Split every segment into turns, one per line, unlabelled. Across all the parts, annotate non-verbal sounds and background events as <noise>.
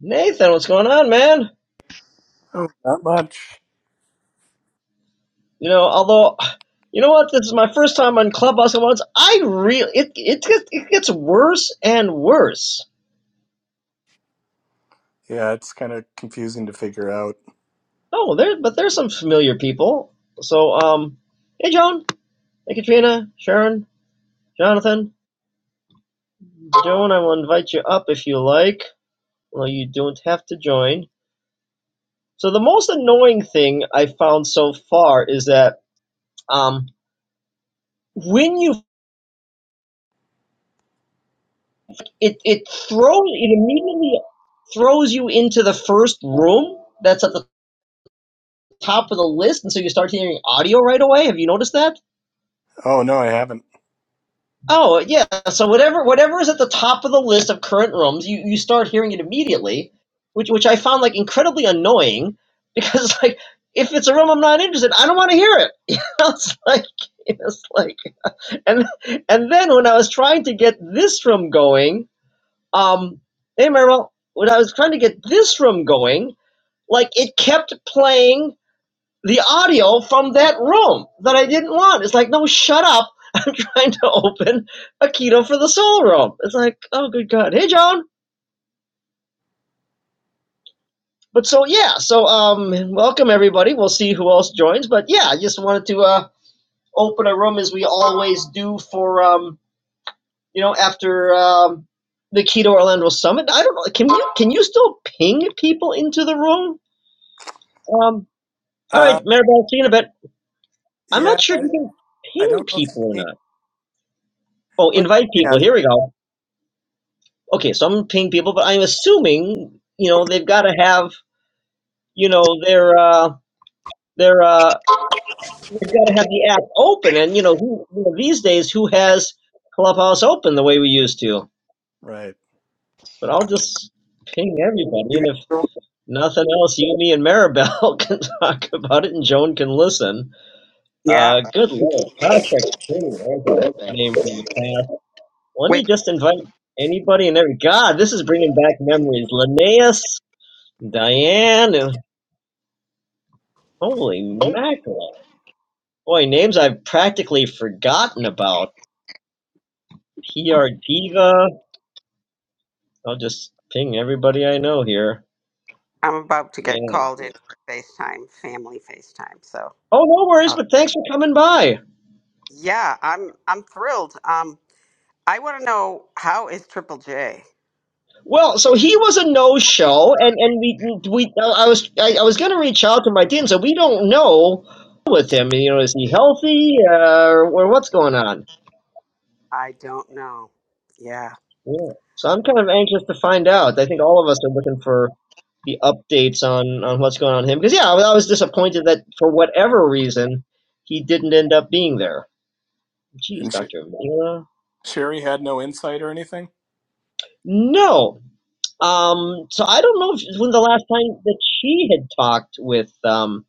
Nathan, what's going on, man?
Oh, not much.
You know, although, you know what? This is my first time on Clubhouse at once. I really, it, it, gets, it gets worse and worse.
Yeah, it's kind of confusing to figure out.
Oh, there, but there's some familiar people. So, um, hey, Joan, hey, Katrina, Sharon, Jonathan, Joan, I will invite you up if you like. Well, you don't have to join. So the most annoying thing I found so far is that, um, when you it it throws it immediately throws you into the first room that's at the top of the list and so you start hearing audio right away have you noticed that
Oh no, I haven't.
oh yeah so whatever whatever is at the top of the list of current rooms you, you start hearing it immediately which which i found like incredibly annoying <laughs> because like if it's a room i'm not interested i don't want to hear it <laughs> you know, it's like it's like and and then when i was trying to get this room going um hey Maribel, when i was trying to get this room going Like it kept playing the audio from that room that I didn't want. It's like, no, shut up. <laughs> I'm trying to open a keto for the Soul Room. It's like, oh, good God. Hey, John. But so, yeah. So, um, welcome everybody. We'll see who else joins. But yeah, I just wanted to, uh, open a room as we always do for, um, you know, after, um, the Keto Orlando Summit. I don't know. Can you, can you still ping people into the room? Um, all right,
Uh,
Maribel, see you in a bit. I'm not
yeah,
sure if
I,
you can
I
ping
don't know if
people or
you can.
not. Oh,
Oh,
invite
you
people.
can.
Here we go. Okay, so I'm gonna ping people, but I'm assuming you know they've got to have you know their uh their uh they've got to have the app open, and you know who you know, these days who has Clubhouse open the way we used to.
Right.
But I'll just ping everybody, and if nothing else, you, me, and Maribel <laughs> can talk about it, and Joan can listen.
Yeah.
Uh, good lord, Tasha, Koo, there's a name from the past. Let me
Wait,
just invite anybody and every. God, this is bringing back memories. Linnaeus, Diane, and holy mackerel. Boy, names I've practically forgotten about. PR Diva. I'll just ping everybody I know here.
I'm about to get
Man.
called in for FaceTime, family FaceTime. So,
Oh, no worries,
uh,
but thanks for coming by.
yeah, I'm I'm thrilled. Um, I want to know how is Triple J?
Well, so he was a no-show, and and we we I was I, I was going to reach out to my team, so we don't know with him. You know, is he healthy uh, or what's going on?
I don't know. Yeah.
Yeah. So I'm kind of anxious to find out. I think all of us are looking for the updates on on what's going on with him because yeah, I, was- I was disappointed that for whatever reason he didn't end up being there. Jeez,
And Sh-
Doctor Mila.
Sherry had no insight or anything.
No. Um. So I don't know if, when the last time that she had talked with um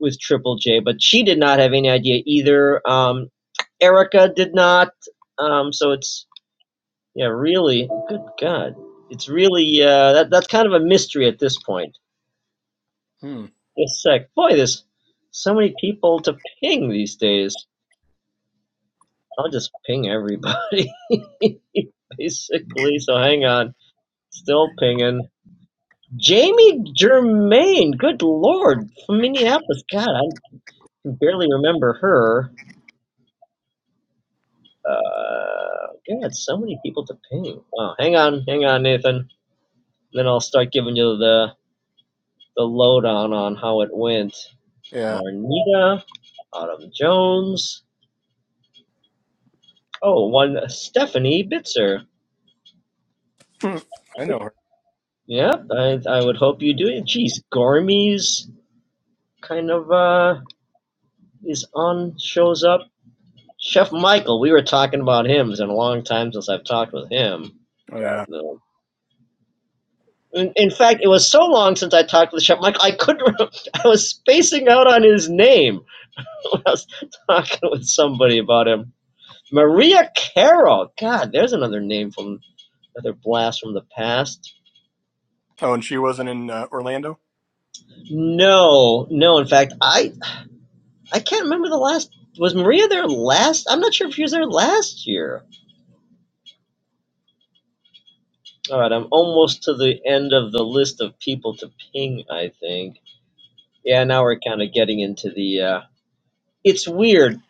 with Triple J, but she did not have any idea either. Um. Erica did not. Um. So it's yeah, really. Good God. It's really uh, that that's kind of a mystery at this point.
Hmm.
It's like, boy, there's so many people to ping these days. I'll just ping everybody, <laughs> basically. So hang on. Still pinging. Jamie Germain, good lord, from Minneapolis. God, I can barely remember her. Uh, God, so many people to ping. Wow. Hang on, hang on, Nathan. Then I'll start giving you the, the lowdown on how it went.
Yeah.
Marnita, Autumn Jones. Oh, one Stephanie Bitzer.
Hmm. I know her.
Yeah, I I would hope you do it. Geez, Gourmet's kind of uh is on shows up. Chef Michael, we were talking about him. It's been a long time since I've talked with him.
Oh
God
yeah.
no. In, in fact, it was so long since I talked with Chef Michael, I couldn't. Remember, <laughs> I was spacing out on his name <laughs> when I was talking with somebody about him. Maria Carroll. God, there's another name from another blast from the past.
Oh, and she wasn't in uh, Orlando.
No, no. In fact, I I can't remember the last. Was Maria there last? I'm not sure if she was there last year. All right, I'm almost to the end of the list of people to ping. I think. Yeah, now we're kind of getting into the. Uh, it's weird.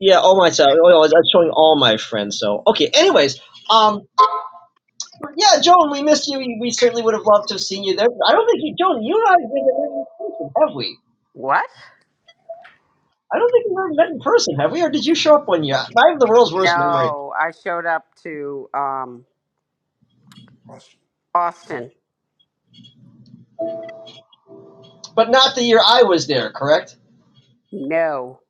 Yeah, all my. so- Oh, I'm showing all my friends. So okay. Anyways, um, yeah, Joan, we missed you. We certainly would have loved to have seen you there. I don't think you, Joan, you and I have been in person, have we?
What?
I don't think we've ever met in person, have we? Or did you show up one year? I have the world's worst memory,
No, I showed up to um Austin.
but not the year I was there. Correct.
No,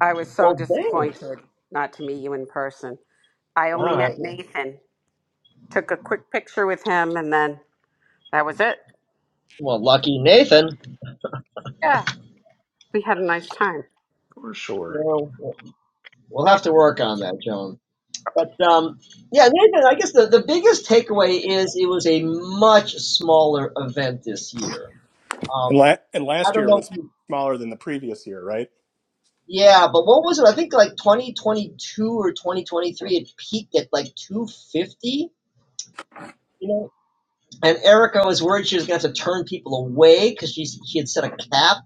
I was so
Well, dang.
disappointed not to meet you in person. I
All
only
right.
met Nathan. Took a quick picture with him, and then that was it.
Well, lucky Nathan.
Yeah, we had a nice time.
For sure.
Well, we'll have to work on that, Joan. But um, yeah, Nathan. I guess the, the biggest takeaway is it was a much smaller event this year.
And
Um,
la- and
I
last
don't
year
know.
was
If you,
smaller than the previous year, right?
yeah, but what was it? I think like 2022 or 2023, it peaked at like 250. You know, and Erica was worried she was going to have to turn people away because she she had set a cap,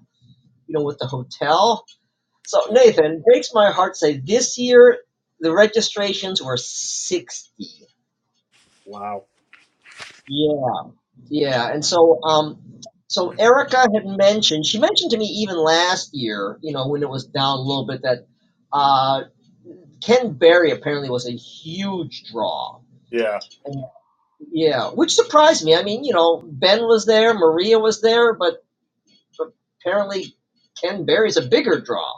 you know, with the hotel So
Yeah.
Nathan breaks my heart. to Say this year the registrations were sixty.
Wow.
Yeah, yeah, and so um, so Erica had mentioned she mentioned to me even last year, you know, when it was down a little bit that uh, Ken Berry apparently was a huge draw,
Yeah.
and yeah, which surprised me. I mean, you know, Ben was there, Maria was there, but apparently Ken Berry's a bigger draw.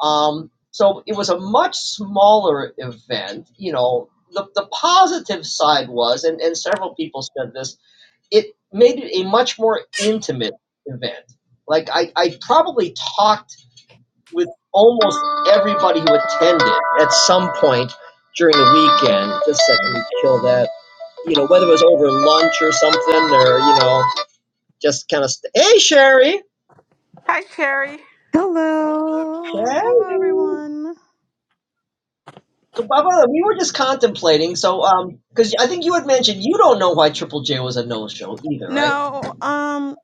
Um, so it was a much smaller event. You know, the, the positive side was, and, and several people said this, it made it a much more intimate event. Like, I, I probably talked with almost everybody who attended at some point during the weekend. Just a second, let me kill that. You know, whether it was over lunch or something, or, you know, just kind of, st- hey, Sherry.
Hi, Sherry.
Hello, hello
Sherry.
everyone.
So, Papa, we were just contemplating. So, um, because I think you had mentioned you don't know why Triple J was a no-show either, right?
No, um,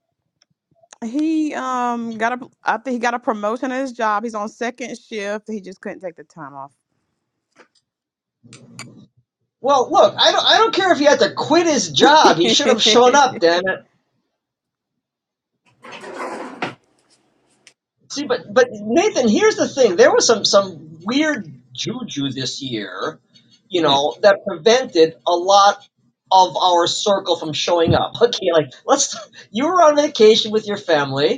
he um got a. I think he got a promotion at his job. He's on second shift. He just couldn't take the time off.
Well, look, I don't, I don't care if he had to quit his job. He should have shown up, damn it. See, but, but Nathan, here's the thing: there was some, some weird juju this year, you
Hmm.
know, that prevented a lot of our circle from showing up. <laughs> Okay, like let's, you were on vacation with your family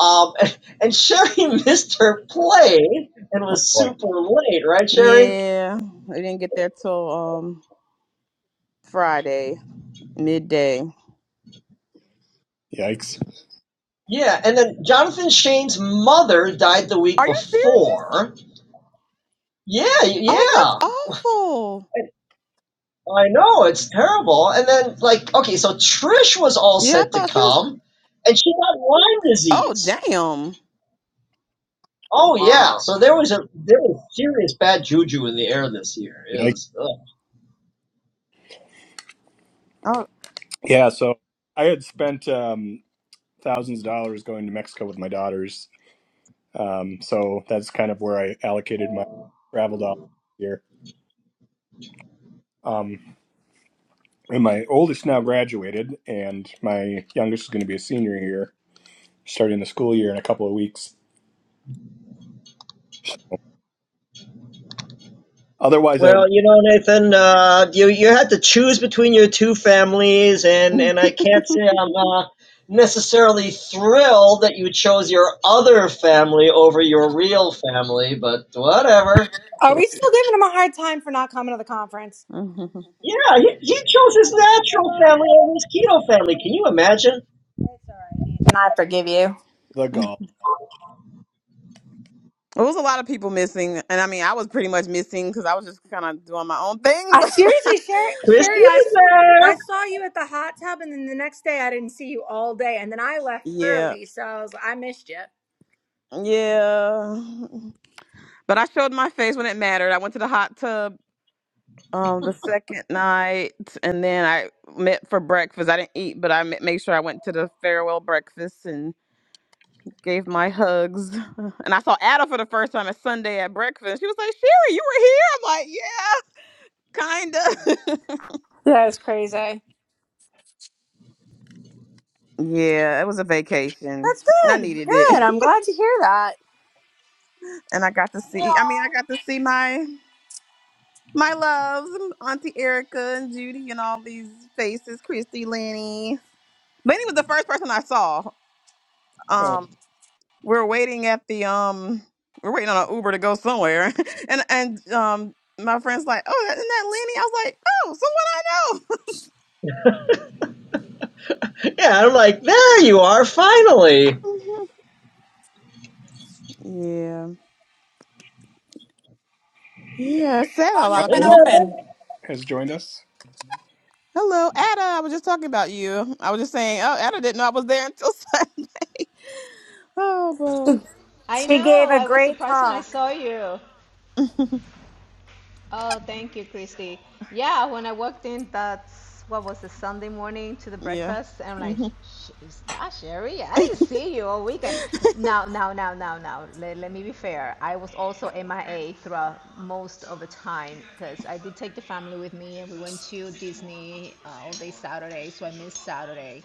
Um, <laughs> and and Sherry <laughs> missed her play and was
Boy.
super late, right,
<laughs>
Sherry?
yeah, we didn't get there till um Friday midday.
Yikes.
Yeah, and then Jonathan Shane's mother died the week
Are you serious?
before. Yeah,
Oh,
yeah.
that's awful.
I know, it's terrible. And then, like, okay, so Trish was all
Yeah, I
set to
thought she was.
come, and she got Lyme
Oh,
disease.
damn.
Oh, yeah.
Ah.
So there was a there was serious bad juju in the air this year. It
Yikes.
was, ugh.
Oh.
Yeah. So I had spent um, thousands of dollars going to Mexico with my daughters Um, so that's kind of where I allocated my travel dollars here. Um, and my oldest now graduated, and my youngest is going to be a senior here, starting the school year in a couple of weeks. Otherwise, I
Well, you know, Nathan, uh, you you had to choose between your two families, and and I can't say I'm uh, necessarily thrilled that you chose your other family over your real family, but whatever.
Are we still giving him a hard time for not coming to the conference?
<laughs> mhm.
Yeah, he, he chose his natural family over his keto family. Can you imagine?
And I forgive you.
the
It
golf.
was a lot of people missing, and I mean, I was pretty much missing because I was just kind of doing my own thing.
I
But
seriously,
<laughs>
Sherry,
Christy
Sherry I, s- I
was
saw you at the hot tub, and then the next day I didn't see you all day, and then I left
Yeah.
early, so I, was, I missed you.
Yeah. But I showed my face when it mattered. I went to the hot tub um, the second night, and then I met for breakfast. I didn't eat, but I ma- made sure I went to the farewell breakfast and gave my hugs. <laughs> And I saw Ada for the first time at Sunday at breakfast. She was like, "Sherry, you were here." I'm like, "Yeah, kinda."
That was crazy.
<laughs> yeah, it was a vacation.
That's
I
good.
needed it,
Good. I'm glad to hear that.
<laughs> and I got to see. I mean,
Yeah.
I got to see my My loves, Auntie Erica and Judy and all these faces, Christy, Lenny. Lenny was the first person I saw.
Oh,
Um, we're waiting at the um, we're waiting on an Uber to go somewhere, <laughs> and and um, my friend's like, oh, isn't that Lenny? I was like, oh,
there. Yeah, I'm like, there you are, finally.
someone I know. <laughs> yeah, yeah. It's sad a lot of
Ramos
people.
Yeah.
c-
has joined us.
Hello, Ada. I was just talking about you. I was just saying, oh, Ada didn't know I was there until <laughs> Sunday. Oh,
She,
I
she gave
know.
a
I was
great
surprised when I
talk.
saw you.
boo. <laughs>
Oh, thank you, Christy. Yeah, when I walked in, that's what was the Sunday morning to the
yeah.
breakfast, and I'm like,
hmm
"Sh- is that Sherry? I didn't see you all weekend.
<laughs>
Now, now, now, now, now. Let, let me be fair. I was also MIA throughout most of the time because I did take the family with me, and we went to Disney uh, all day Saturday, so I missed Saturday.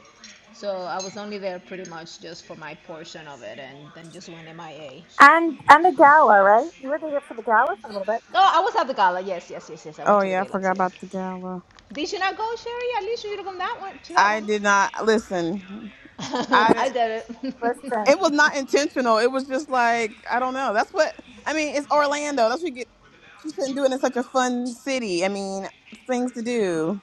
So I was only there pretty much just for my portion of it, and then just went MIA.
And and the gala, right? You were there for the gala for a little bit.
Oh, I was at the gala. Yes, yes, yes, yes. I
Oh
went to the
yeah, I
gala
forgot
too.
about the gala.
Did you not go, Sherry? At least you should have gone that one to that
I
one.
did not listen.
<laughs>
I
I
didn't.
did it.
Listen,
It was not intentional. It was just like I don't know. That's what I mean. It's Orlando. That's what you get. You shouldn't do it in such a fun city. I mean, things to do.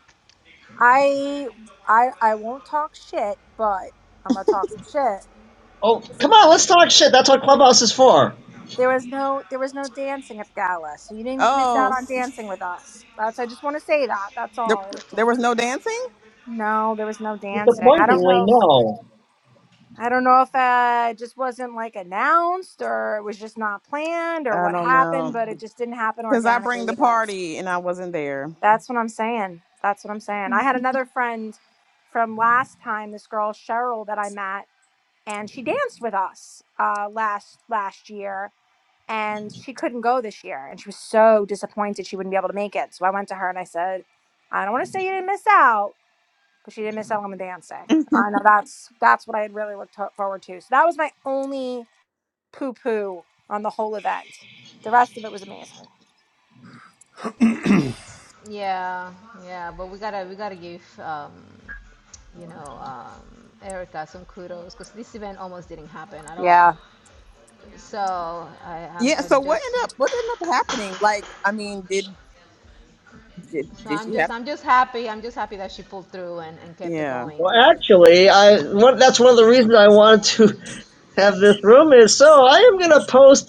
I I I won't talk shit, but I'm gonna talk some shit.
Oh, come on, let's talk shit. That's what Clubhouse is for.
There was no there was no dancing at the gala, so you didn't miss
Oh,
out on
s-
dancing with us. That's I just want to say that. That's
there,
all. It's
there was
Just-
no dancing.
no, there was no dancing. I don't
Disappointingly,
know. If,
no.
I don't know if uh, it just wasn't like announced or it was just not planned or
I
what
don't
happened,
know
but it just didn't happen
because I bring
organically
the
either.
party and I wasn't there.
That's what I'm saying. That's what I'm saying. I had another friend from last time, this girl Cheryl that I met, and she danced with us uh, last last year and she couldn't go this year and she was so disappointed she wouldn't be able to make it so i went to her and i said i don't want to say you didn't miss out but she didn't miss out on the dancing
<laughs>
i
yeah.
know that's that's what i had really looked ho- forward to so that was my only poo poo on the whole event the rest of it was amazing
<clears throat>
<laughs> yeah, yeah. But we gotta we gotta give um, you know um, Erica some kudos because this event almost didn't happen at
Yeah."
all. So I, I'm, I'm
So what
just
ended up? What ended up happening? Like, I mean, did did,
So
did
I'm
she
just,
have?
I'm just happy, I'm just happy that she pulled through and, and kept it
Yeah.
going.
Well, actually, I one that's one of the reasons I wanted to <laughs> have this room is so I am going to post